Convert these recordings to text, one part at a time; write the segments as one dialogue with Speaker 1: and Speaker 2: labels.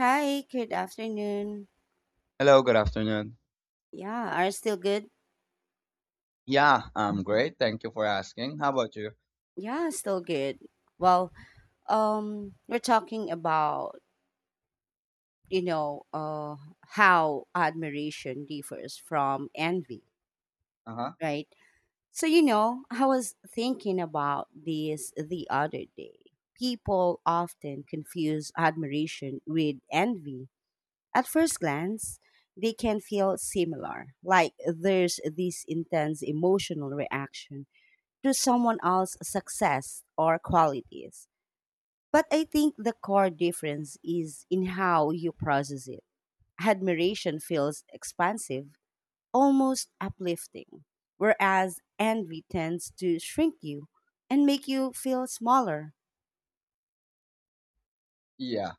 Speaker 1: Hi, good afternoon.
Speaker 2: Hello, good afternoon.
Speaker 1: Yeah, are still good?
Speaker 2: Yeah, I'm great. Thank you for asking. How about you?
Speaker 1: Yeah, still good. Well, we're talking about, you know, uh, how admiration differs from envy,
Speaker 2: Uh huh.
Speaker 1: right? So, you know, I was thinking about this the other day. People often confuse admiration with envy. At first glance, they can feel similar, like there's this intense emotional reaction to someone else's success or qualities. But I think the core difference is in how you process it. Admiration feels expansive, almost uplifting, whereas envy tends to shrink you and make you feel smaller.
Speaker 2: Yeah,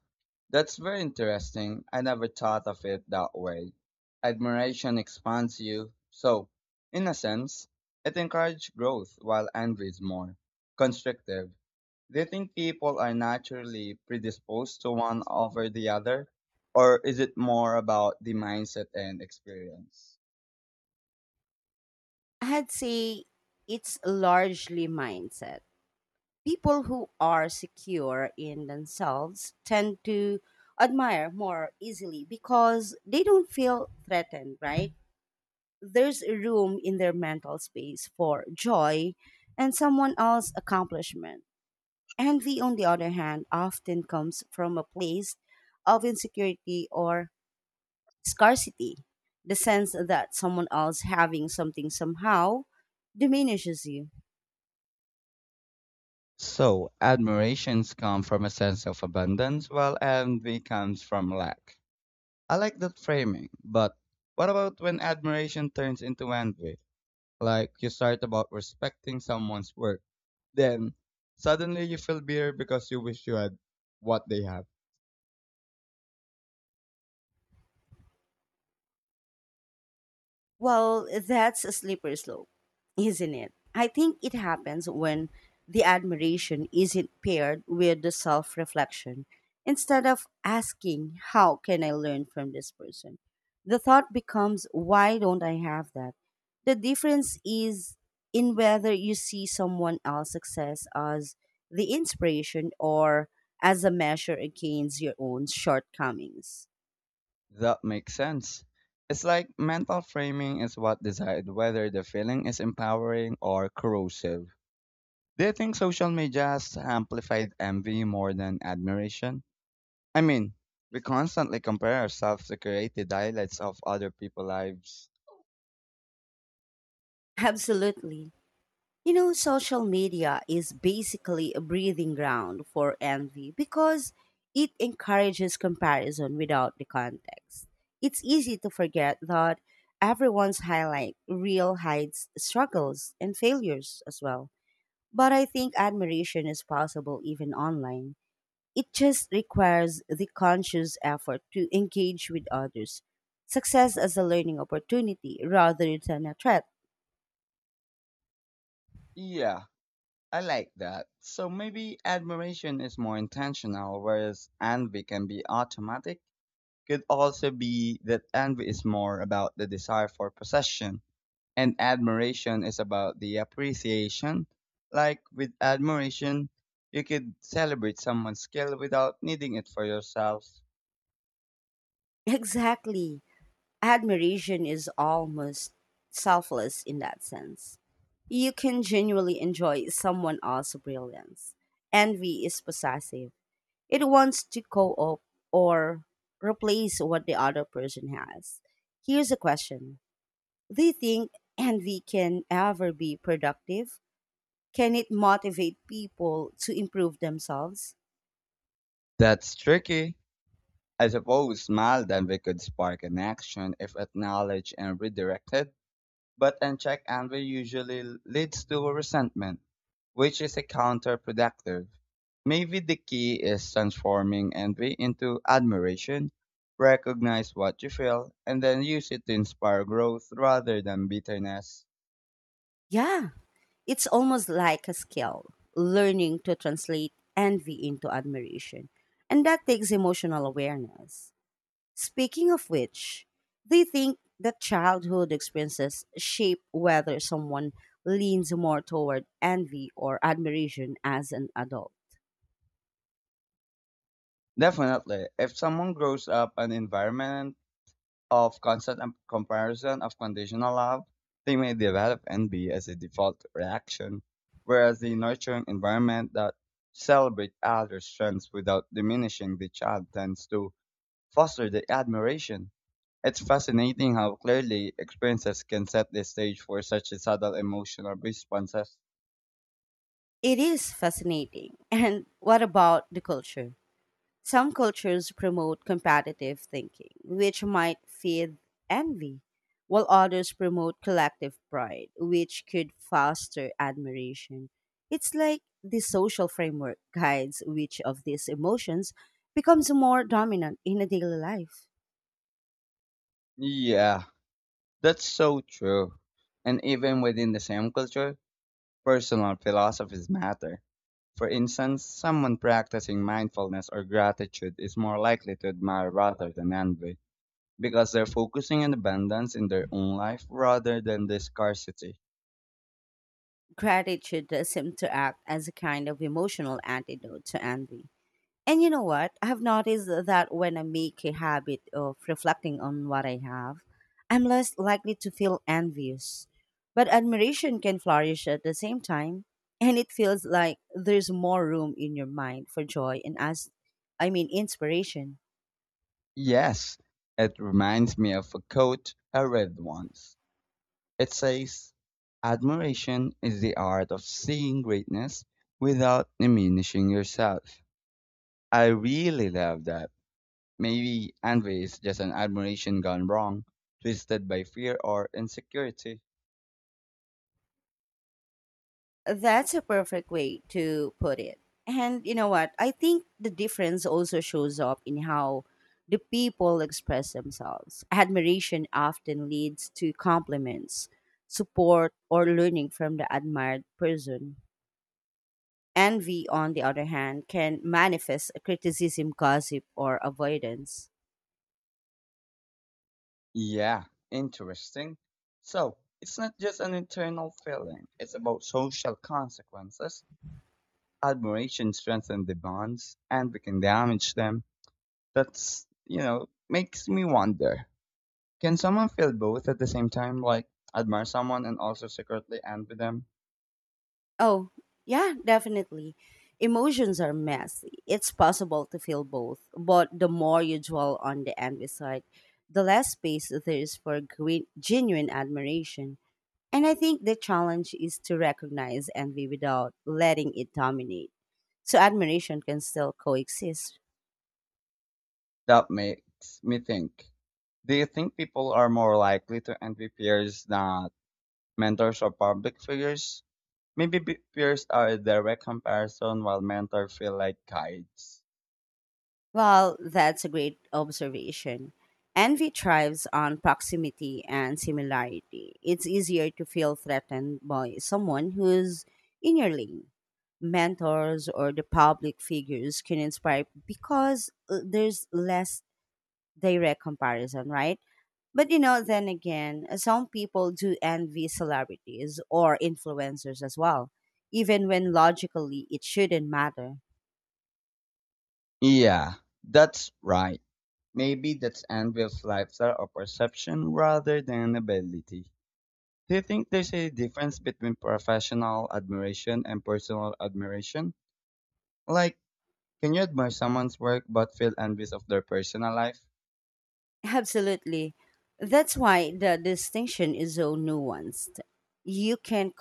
Speaker 2: that's very interesting. I never thought of it that way. Admiration expands you. So, in a sense, it encourages growth while envy is more constrictive. Do you think people are naturally predisposed to one over the other? Or is it more about the mindset and experience?
Speaker 1: I'd say it's largely mindset. People who are secure in themselves tend to admire more easily because they don't feel threatened, right? There's room in their mental space for joy and someone else's accomplishment. Envy, on the other hand, often comes from a place of insecurity or scarcity, the sense that someone else having something somehow diminishes you.
Speaker 2: So, admirations come from a sense of abundance, while envy comes from lack. I like that framing, but what about when admiration turns into envy? Like you start about respecting someone's work, then suddenly you feel bitter because you wish you had what they have.
Speaker 1: Well, that's a slippery slope, isn't it? I think it happens when the admiration isn't paired with the self reflection. Instead of asking, "How can I learn from this person?" the thought becomes, "Why don't I have that?" The difference is in whether you see someone else's success as the inspiration or as a measure against your own shortcomings.
Speaker 2: That makes sense. It's like mental framing is what decides whether the feeling is empowering or corrosive. Do you think social media has amplified envy more than admiration? I mean, we constantly compare ourselves to created highlights of other people's lives.
Speaker 1: Absolutely. You know, social media is basically a breathing ground for envy because it encourages comparison without the context. It's easy to forget that everyone's highlight reel hides struggles and failures as well. But I think admiration is possible even online. It just requires the conscious effort to engage with others. Success as a learning opportunity rather than a threat.
Speaker 2: Yeah, I like that. So maybe admiration is more intentional, whereas envy can be automatic. Could also be that envy is more about the desire for possession, and admiration is about the appreciation. Like with admiration, you could celebrate someone's skill without needing it for yourself.
Speaker 1: Exactly. Admiration is almost selfless in that sense. You can genuinely enjoy someone else's brilliance. Envy is possessive, it wants to co op or replace what the other person has. Here's a question: do you think envy can ever be productive? Can it motivate people to improve themselves?
Speaker 2: That's tricky. I suppose small then we could spark an action if acknowledged and redirected, but unchecked anger usually leads to resentment, which is a counterproductive. Maybe the key is transforming envy into admiration, recognize what you feel, and then use it to inspire growth rather than bitterness.
Speaker 1: Yeah, it's almost like a skill, learning to translate envy into admiration. And that takes emotional awareness. Speaking of which, do you think that childhood experiences shape whether someone leans more toward envy or admiration as an adult?
Speaker 2: Definitely, if someone grows up an environment of constant and comparison of conditional love, they may develop envy as a default reaction, whereas the nurturing environment that celebrates other strengths without diminishing the child tends to foster the admiration. It's fascinating how clearly experiences can set the stage for such a subtle emotional responses.
Speaker 1: It is fascinating. And what about the culture? Some cultures promote competitive thinking, which might feed envy, while others promote collective pride, which could foster admiration. It's like the social framework guides which of these emotions becomes more dominant in a daily life.
Speaker 2: Yeah, that's so true. And even within the same culture, personal philosophies matter. For instance, someone practicing mindfulness or gratitude is more likely to admire rather than envy because they're focusing on abundance in their own life rather than the scarcity.
Speaker 1: Gratitude does seem to act as a kind of emotional antidote to envy. And you know what? I have noticed that when I make a habit of reflecting on what I have, I'm less likely to feel envious. But admiration can flourish at the same time, and it feels like there's more room in your mind for joy and, as I mean, inspiration.
Speaker 2: Yes, it reminds me of a quote I read once. It says, "Admiration is the art of seeing greatness without diminishing yourself." I really love that. Maybe envy is just an admiration gone wrong, twisted by fear or insecurity.
Speaker 1: That's a perfect way to put it. And you know what? I think the difference also shows up in how the people express themselves. Admiration often leads to compliments, support, or learning from the admired person. Envy, on the other hand, can manifest a criticism, gossip, or avoidance.
Speaker 2: Yeah, interesting. So, it's not just an internal feeling, it's about social consequences. Admiration strengthens the bonds, envy can damage them. That's, makes me wonder, can someone feel both at the same time, like admire someone and also secretly envy them?
Speaker 1: Oh, yeah, definitely. Emotions are messy. It's possible to feel both, but the more you dwell on the envy side, the less space there is for green, genuine admiration. And I think the challenge is to recognize envy without letting it dominate. So admiration can still coexist.
Speaker 2: That makes me think. Do you think people are more likely to envy peers than mentors or public figures? Maybe peers are a direct comparison while mentors feel like guides.
Speaker 1: Well, that's a great observation. Envy thrives on proximity and similarity. It's easier to feel threatened by someone who's in your lane. Mentors or the public figures can inspire because there's less direct comparison, right? But you know, then again, some people do envy celebrities or influencers as well, even when logically it shouldn't matter.
Speaker 2: Yeah, that's right. Maybe that's Anvil's lifestyle or perception rather than ability. Do you think there's a difference between professional admiration and personal admiration? Like, can you admire someone's work but feel envious of their personal life?
Speaker 1: Absolutely. That's why the distinction is so nuanced. You can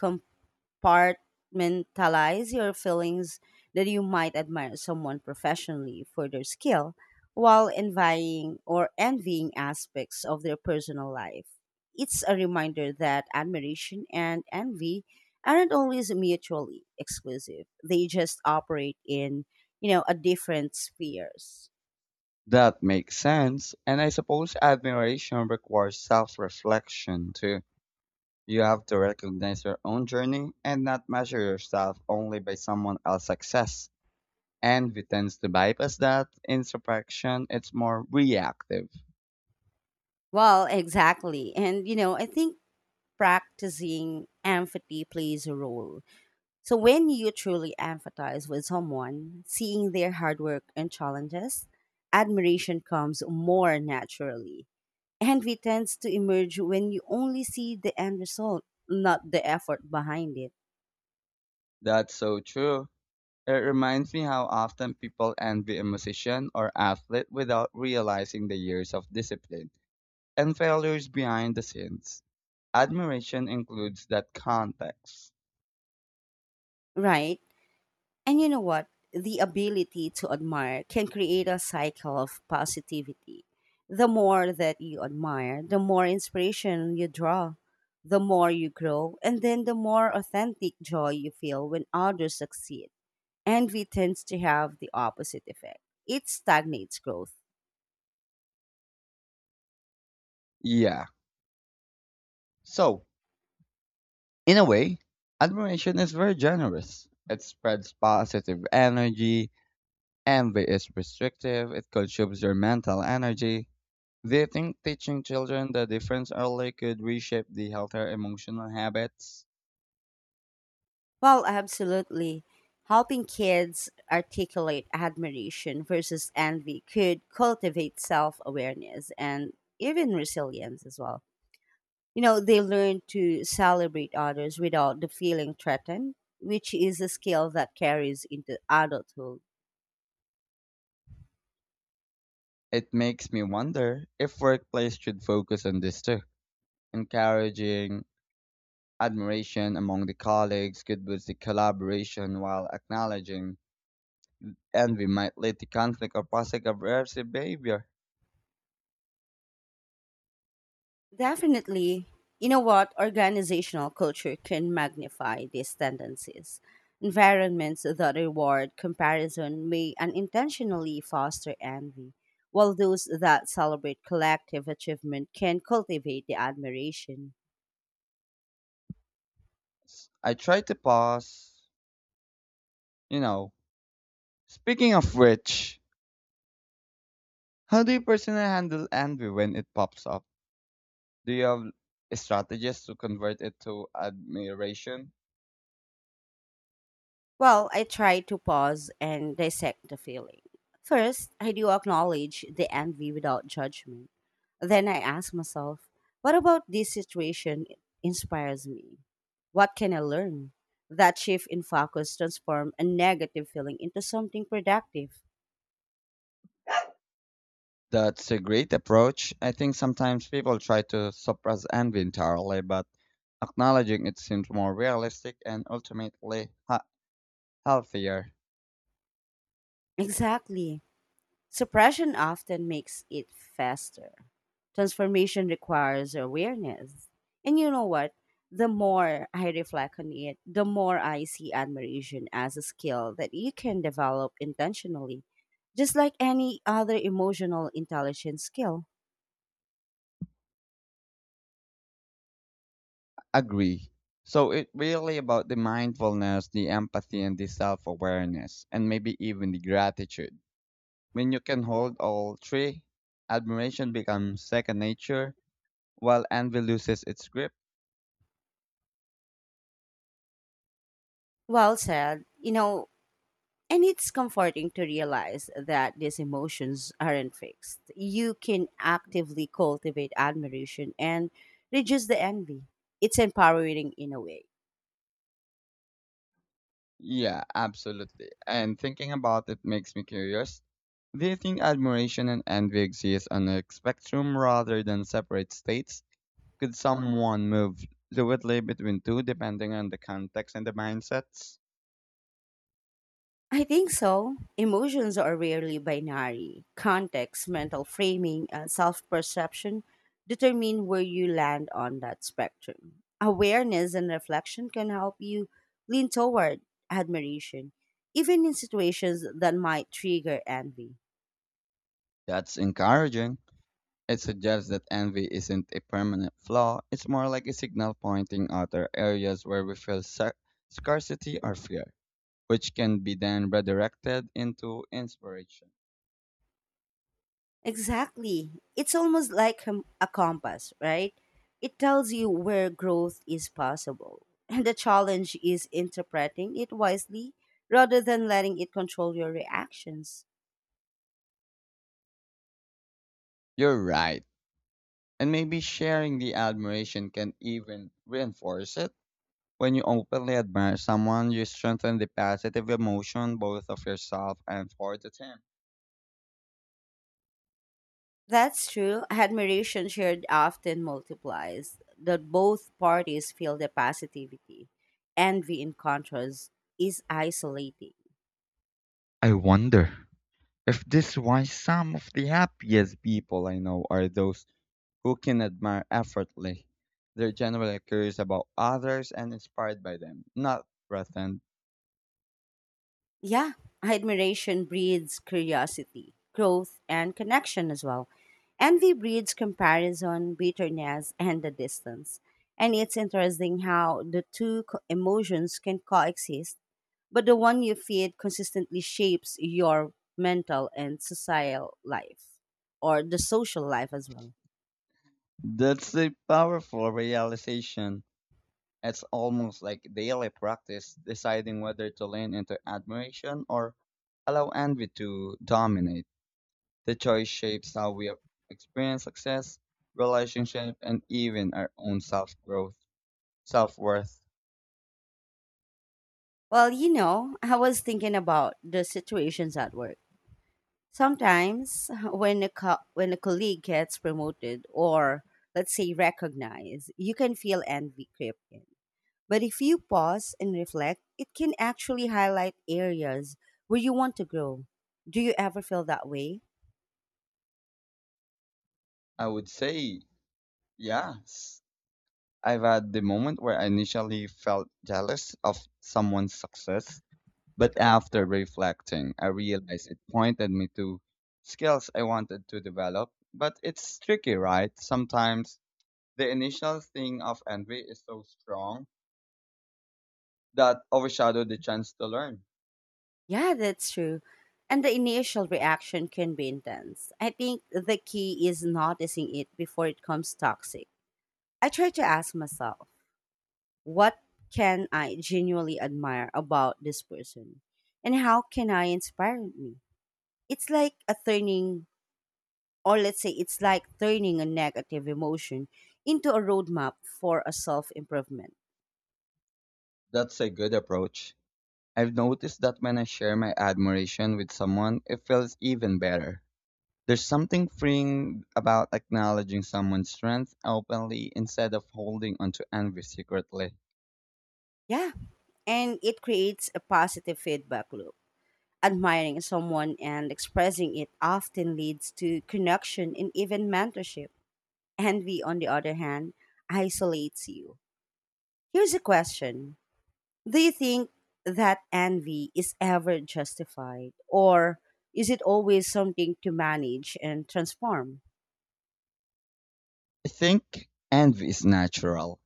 Speaker 1: compartmentalize your feelings that you might admire someone professionally for their skill while envying aspects of their personal life. It's a reminder that admiration and envy aren't always mutually exclusive. They just operate in, you know, a different spheres.
Speaker 2: That makes sense, and I suppose admiration requires self reflection too. You have to recognize your own journey and not measure yourself only by someone else's success. And we tend to bypass that introspection. It's more reactive.
Speaker 1: Well, exactly. And, you know, I think practicing empathy plays a role. So when you truly empathize with someone, seeing their hard work and challenges, admiration comes more naturally. Envy tends to emerge when you only see the end result, not the effort behind it.
Speaker 2: That's so true. It reminds me how often people envy a musician or athlete without realizing the years of discipline and failures behind the scenes. Admiration includes that context.
Speaker 1: Right? And you know what? The ability to admire can create a cycle of positivity. The more that you admire, the more inspiration you draw, the more you grow, and then the more authentic joy you feel when others succeed. Envy tends to have the opposite effect, it stagnates growth.
Speaker 2: Yeah. So, in a way, admiration is very generous. It spreads positive energy. Envy is restrictive. It consumes your mental energy. Do you think teaching children the difference early could reshape the healthier emotional habits?
Speaker 1: Well, absolutely. Helping kids articulate admiration versus envy could cultivate self awareness and even resilience as well. You know, they learn to celebrate others without the feeling threatened, which is a skill that carries into adulthood.
Speaker 2: It makes me wonder if workplace should focus on this too. Encouraging admiration among the colleagues could boost the collaboration while acknowledging envy might lead to conflict or passive aggressive behavior.
Speaker 1: Definitely, you know what? Organizational culture can magnify these tendencies. Environments that reward comparison may unintentionally foster envy, while those that celebrate collective achievement can cultivate the admiration.
Speaker 2: I try to pause, you know. Speaking of which, how do you personally handle envy when it pops up? Do you have strategies to convert it to admiration?
Speaker 1: Well, I try to pause and dissect the feeling. First, I do acknowledge the envy without judgment. Then I ask myself, what about this situation inspires me? What can I learn? That shift in focus transforms a negative feeling into something productive.
Speaker 2: That's a great approach. I think sometimes people try to suppress envy entirely, but acknowledging it seems more realistic and ultimately healthier.
Speaker 1: Exactly. Suppression often makes it faster. Transformation requires awareness. And you know what? The more I reflect on it, the more I see admiration as a skill that you can develop intentionally, just like any other emotional intelligence skill.
Speaker 2: Agree. So it's really about the mindfulness, the empathy, and the self awareness, and maybe even the gratitude. When you can hold all three, admiration becomes second nature, while envy loses its grip.
Speaker 1: Well said. You know, and it's comforting to realize that these emotions aren't fixed. You can actively cultivate admiration and reduce the envy. It's empowering in a way.
Speaker 2: Yeah, absolutely. And thinking about it makes me curious. Do you think admiration and envy exist on a spectrum rather than separate states? Could someone move fluidly between two depending on the context and the mindsets?
Speaker 1: I think so. Emotions are rarely binary. Context, mental framing, and self perception determine where you land on that spectrum. Awareness and reflection can help you lean toward admiration, even in situations that might trigger envy.
Speaker 2: That's encouraging. It suggests that envy isn't a permanent flaw, it's more like a signal pointing other areas where we feel scarcity or fear, which can be then redirected into inspiration.
Speaker 1: Exactly. It's almost like a compass, right? It tells you where growth is possible. And the challenge is interpreting it wisely rather than letting it control your reactions.
Speaker 2: You're right. And maybe sharing the admiration can even reinforce it. When you openly admire someone, you strengthen the positive emotion both of yourself and for the team.
Speaker 1: That's true. Admiration shared often multiplies, that both parties feel the positivity. Envy, in contrast, is isolating.
Speaker 2: I wonder if this is why some of the happiest people I know are those who can admire effortlessly. They're generally curious about others and inspired by them, not threatened.
Speaker 1: Yeah, admiration breeds curiosity, growth, and connection as well. Envy breeds comparison, bitterness, and the distance. And it's interesting how the two co- emotions can coexist, but the one you feed consistently shapes your mental and societal life, or the social life as well.
Speaker 2: That's a powerful realization. It's almost like daily practice deciding whether to lean into admiration or allow envy to dominate. The choice shapes how we experience success, relationship, and even our own self growth, self worth.
Speaker 1: Well, you know, I was thinking about the situations at work. Sometimes when a colleague gets promoted or let's say recognized, you can feel envy creep in. But if you pause and reflect, it can actually highlight areas where you want to grow. Do you ever feel that way?
Speaker 2: I would say, yes. I've had the moment where I initially felt jealous of someone's success, but after reflecting, I realized it pointed me to skills I wanted to develop. But it's tricky, right? Sometimes the initial sting of envy is so strong that overshadowed the chance to learn.
Speaker 1: Yeah, that's true. And the initial reaction can be intense. I think the key is noticing it before it becomes toxic. I try to ask myself, what can I genuinely admire about this person? And how can I inspire me? It's like a turning, or let's say it's like turning a negative emotion into a roadmap for a self improvement.
Speaker 2: That's a good approach. I've noticed that when I share my admiration with someone, it feels even better. There's something freeing about acknowledging someone's strength openly instead of holding onto envy secretly.
Speaker 1: Yeah. And it creates a positive feedback loop. Admiring someone and expressing it often leads to connection and even mentorship. Envy, on the other hand, isolates you. Here's a question: do you think that envy is ever justified, or is it always something to manage and transform?
Speaker 2: I think envy is natural.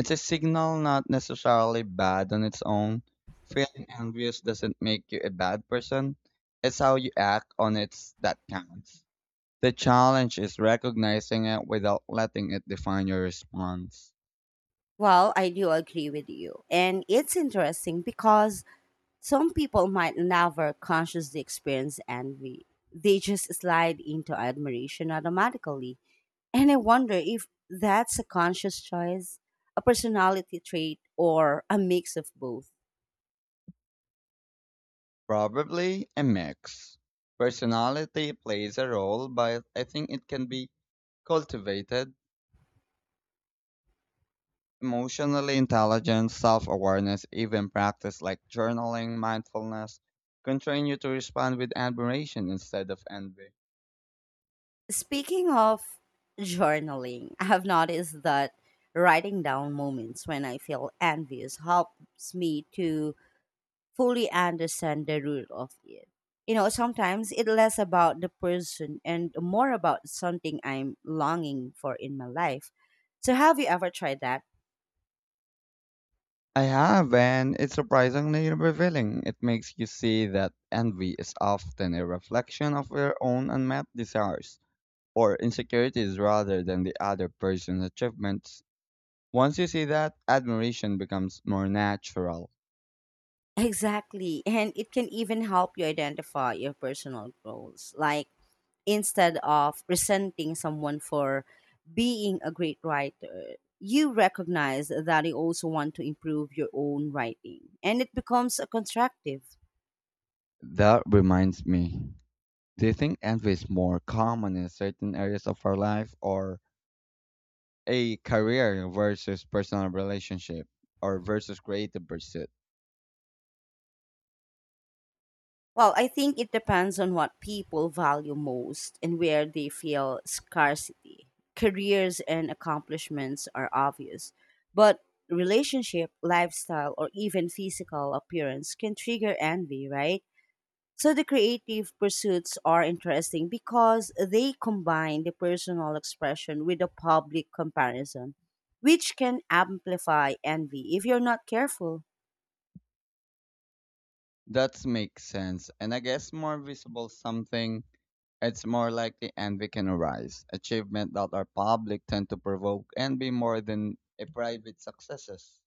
Speaker 2: It's a signal not necessarily bad on its own. Feeling envious doesn't make you a bad person. It's how you act on it that counts. The challenge is recognizing it without letting it define your response.
Speaker 1: Well, I do agree with you. And it's interesting because some people might never consciously experience envy. They just slide into admiration automatically. And I wonder if that's a conscious choice, a personality trait, or a mix of both.
Speaker 2: Probably a mix. Personality plays a role, but I think it can be cultivated. Emotionally intelligent self awareness, even practice like journaling, mindfulness, can train you to respond with admiration instead of envy.
Speaker 1: Speaking of journaling, I have noticed that writing down moments when I feel envious helps me to fully understand the root of it. You know, sometimes it's less about the person and more about something I'm longing for in my life. So, have you ever tried that?
Speaker 2: I have, and it's surprisingly revealing. It makes you see that envy is often a reflection of your own unmet desires or insecurities rather than the other person's achievements. Once you see that, admiration becomes more natural.
Speaker 1: Exactly. And it can even help you identify your personal goals. Like, instead of resenting someone for being a great writer, you recognize that you also want to improve your own writing and it becomes a constructive.
Speaker 2: That reminds me. Do you think envy is more common in certain areas of our life, or a career versus personal relationship or versus creative pursuit?
Speaker 1: Well, I think it depends on what people value most and where they feel scarcity. Careers and accomplishments are obvious, but relationship, lifestyle, or even physical appearance can trigger envy, right? So the creative pursuits are interesting because they combine the personal expression with the public comparison, which can amplify envy if you're not careful.
Speaker 2: That makes sense. And I guess more visible something, it's more likely envy can arise. Achievement that are public tend to provoke envy more than a private successes.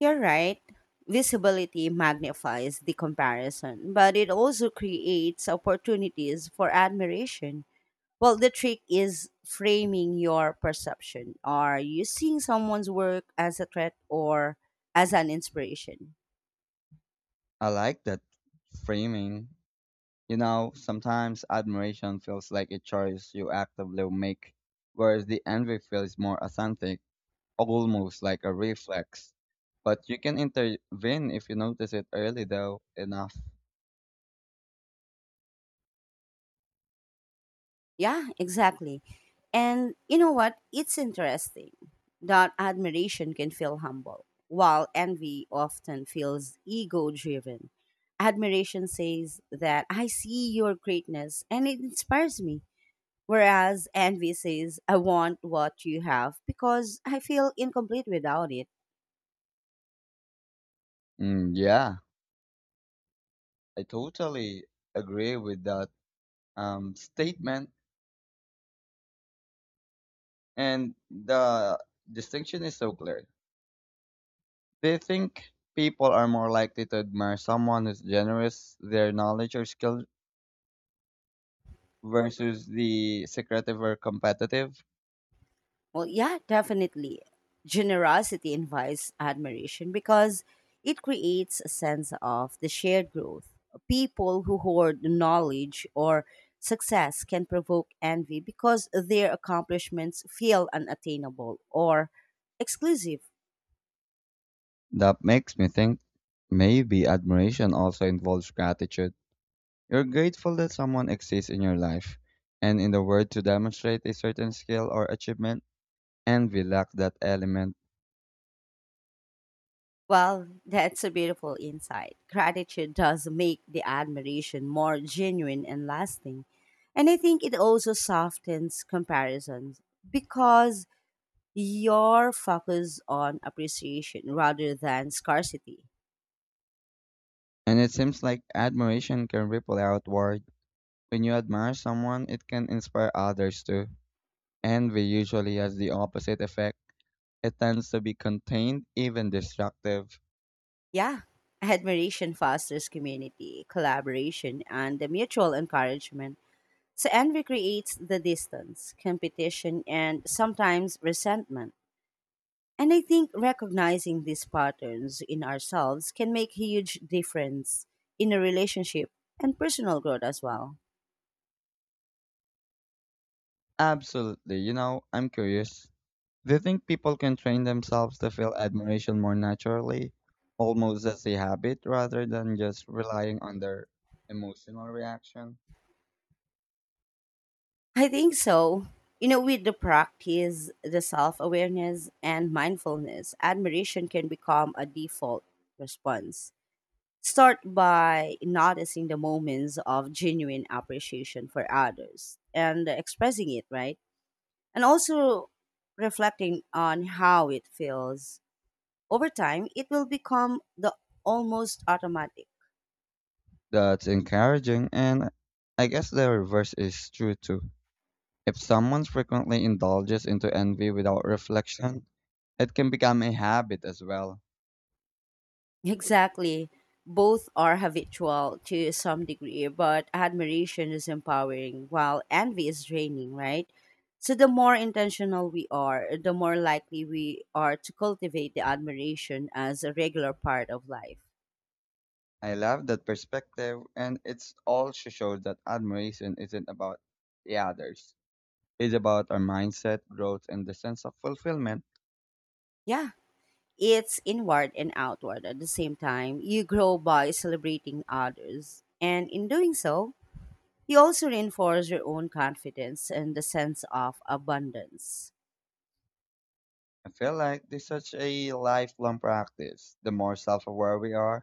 Speaker 1: You're right. Visibility magnifies the comparison, but it also creates opportunities for admiration. Well, the trick is framing your perception. Are you seeing someone's work as a threat or as an inspiration?
Speaker 2: I like that framing. Sometimes admiration feels like a choice you actively make, whereas the envy feels more authentic almost like a reflex. But you can intervene if you notice it early, though, enough.
Speaker 1: Yeah, exactly. And you know what? It's interesting that admiration can feel humble, while envy often feels ego driven. Admiration says that I see your greatness and it inspires me, whereas envy says I want what you have because I feel incomplete without it.
Speaker 2: Mm, yeah, I totally agree with that statement. And the distinction is so clear. They think people are more likely to admire someone who's generous, their knowledge or skill, versus the secretive or competitive.
Speaker 1: Well, yeah, definitely. Generosity invites admiration because it creates a sense of the shared growth. People who hoard knowledge or success can provoke envy because their accomplishments feel unattainable or exclusive.
Speaker 2: That makes me think, maybe admiration also involves gratitude. You're grateful that someone exists in your life, and in the world to demonstrate a certain skill or achievement, envy lacks that element.
Speaker 1: Well, that's a beautiful insight. Gratitude does make the admiration more genuine and lasting. And I think it also softens comparisons because your focus on appreciation rather than scarcity.
Speaker 2: And it seems like admiration can ripple outward. When you admire someone, it can inspire others too. Envy usually has the opposite effect. It tends to be contained, even destructive.
Speaker 1: Yeah, admiration fosters community, collaboration, and the mutual encouragement. So envy creates the distance, competition, and sometimes resentment. And I think recognizing these patterns in ourselves can make a huge difference in a relationship and personal growth as well.
Speaker 2: Absolutely, I'm curious. Do you think people can train themselves to feel admiration more naturally, almost as a habit, rather than just relying on their emotional reaction?
Speaker 1: I think so. With the practice, the self awareness, and mindfulness, admiration can become a default response. Start by noticing the moments of genuine appreciation for others and expressing it, right? And also reflecting on how it feels. Over time, it will become the almost automatic.
Speaker 2: That's encouraging, and I guess the reverse is true too. If someone frequently indulges into envy without reflection, it can become a habit as well.
Speaker 1: Exactly. Both are habitual to some degree, but admiration is empowering while envy is draining, right? So, the more intentional we are, the more likely we are to cultivate the admiration as a regular part of life.
Speaker 2: I love that perspective, and it's also shows that admiration isn't about the others. It's about our mindset, growth, and the sense of fulfillment.
Speaker 1: Yeah, it's inward and outward at the same time. You grow by celebrating others, and in doing so, you also reinforce your own confidence and the sense of abundance.
Speaker 2: I feel like there's such a lifelong practice. The more self aware we are,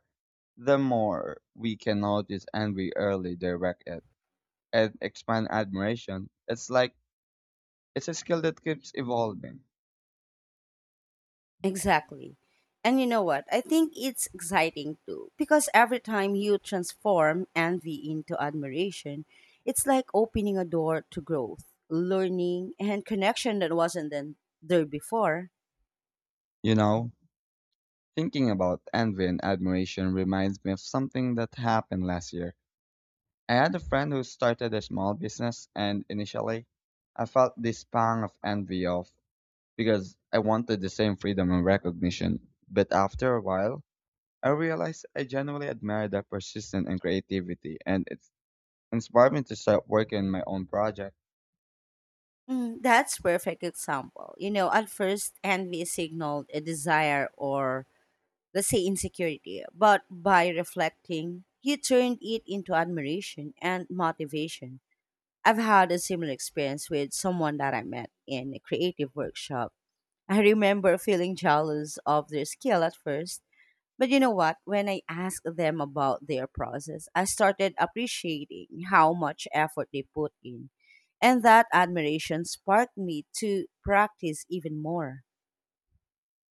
Speaker 2: the more we can notice and we early direct it and expand admiration. It's like it's a skill that keeps evolving.
Speaker 1: Exactly. And you know what? I think it's exciting too, because every time you transform envy into admiration, it's like opening a door to growth, learning, and connection that wasn't then there before.
Speaker 2: You know, Thinking about envy and admiration reminds me of something that happened last year. I had a friend who started a small business, and initially, I felt this pang of envy of because I wanted the same freedom and recognition. But after a while, I realized I genuinely admire their persistence and creativity, and it inspired me to start working on my own project.
Speaker 1: Mm, that's perfect example. At first envy signaled a desire or let's say insecurity, but by reflecting, you turned it into admiration and motivation. I've had a similar experience with someone that I met in a creative workshop. I remember feeling jealous of their skill at first, but you know what? When I asked them about their process, I started appreciating how much effort they put in. And that admiration sparked me to practice even more.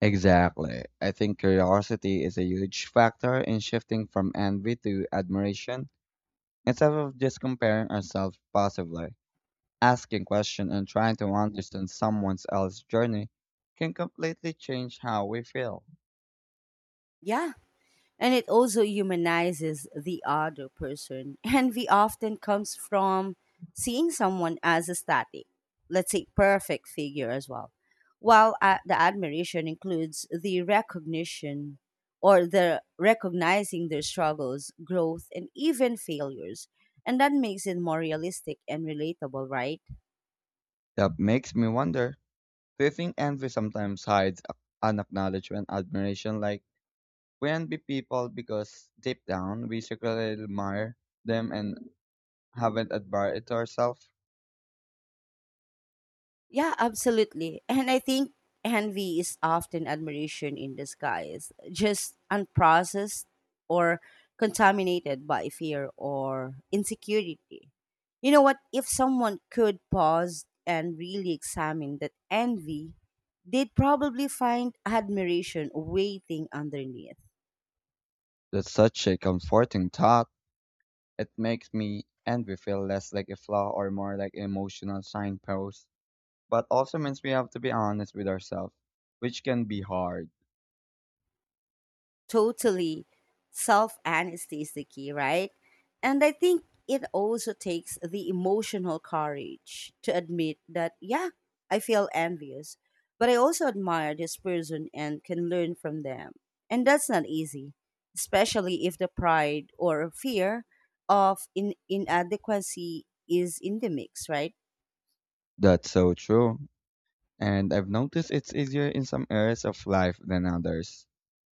Speaker 2: Exactly. I think curiosity is a huge factor in shifting from envy to admiration instead of just comparing ourselves passively. Asking questions and trying to understand someone else's journey can completely change how we feel.
Speaker 1: Yeah, and it also humanizes the other person. Envy often comes from seeing someone as a static, let's say perfect figure as well, while the admiration includes the recognition or the recognizing their struggles, growth, and even failures. And that makes it more realistic and relatable, right?
Speaker 2: That makes me wonder, do you think envy sometimes hides an acknowledgement admiration like? We envy people because deep down we secretly admire them and haven't admired it ourselves.
Speaker 1: Yeah, absolutely. And I think envy is often admiration in disguise, just unprocessed or contaminated by fear or insecurity. You know what? If someone could pause and really examine that envy, they'd probably find admiration waiting underneath.
Speaker 2: That's such a comforting thought. It makes me envy feel less like a flaw or more like emotional signpost, but also means we have to be honest with ourselves, which can be hard.
Speaker 1: Totally. Self honesty is the key, right? And I think it also takes the emotional courage to admit that, yeah, I feel envious, but I also admire this person and can learn from them. And that's not easy, especially if the pride or fear of inadequacy is in the mix, right?
Speaker 2: That's so true. And I've noticed it's easier in some areas of life than others.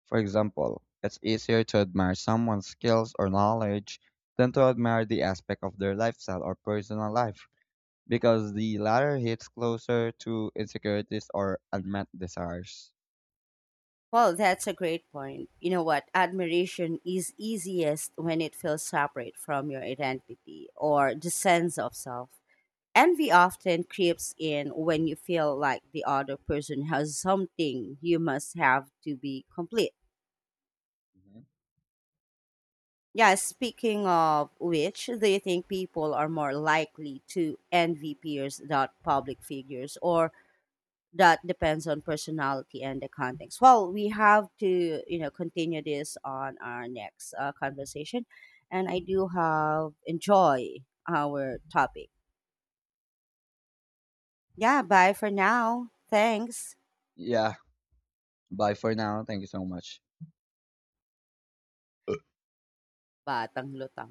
Speaker 2: For example, it's easier to admire someone's skills or knowledge than to admire the aspect of their lifestyle or personal life, because the latter hits closer to insecurities or unmet desires.
Speaker 1: Well, that's a great point. You know what? Admiration is easiest when it feels separate from your identity or the sense of self. Envy often creeps in when you feel like the other person has something you must have to be complete.
Speaker 2: Mhm.
Speaker 1: Yeah, speaking of which, do you think people are more likely to envy peers than public figures? Or that depends on personality and the context. Well, we have to, continue this on our next conversation. And I do have enjoy our topic. Yeah, bye for now. Thanks.
Speaker 2: Yeah, bye for now. Thank you so much.
Speaker 1: Batang lutang.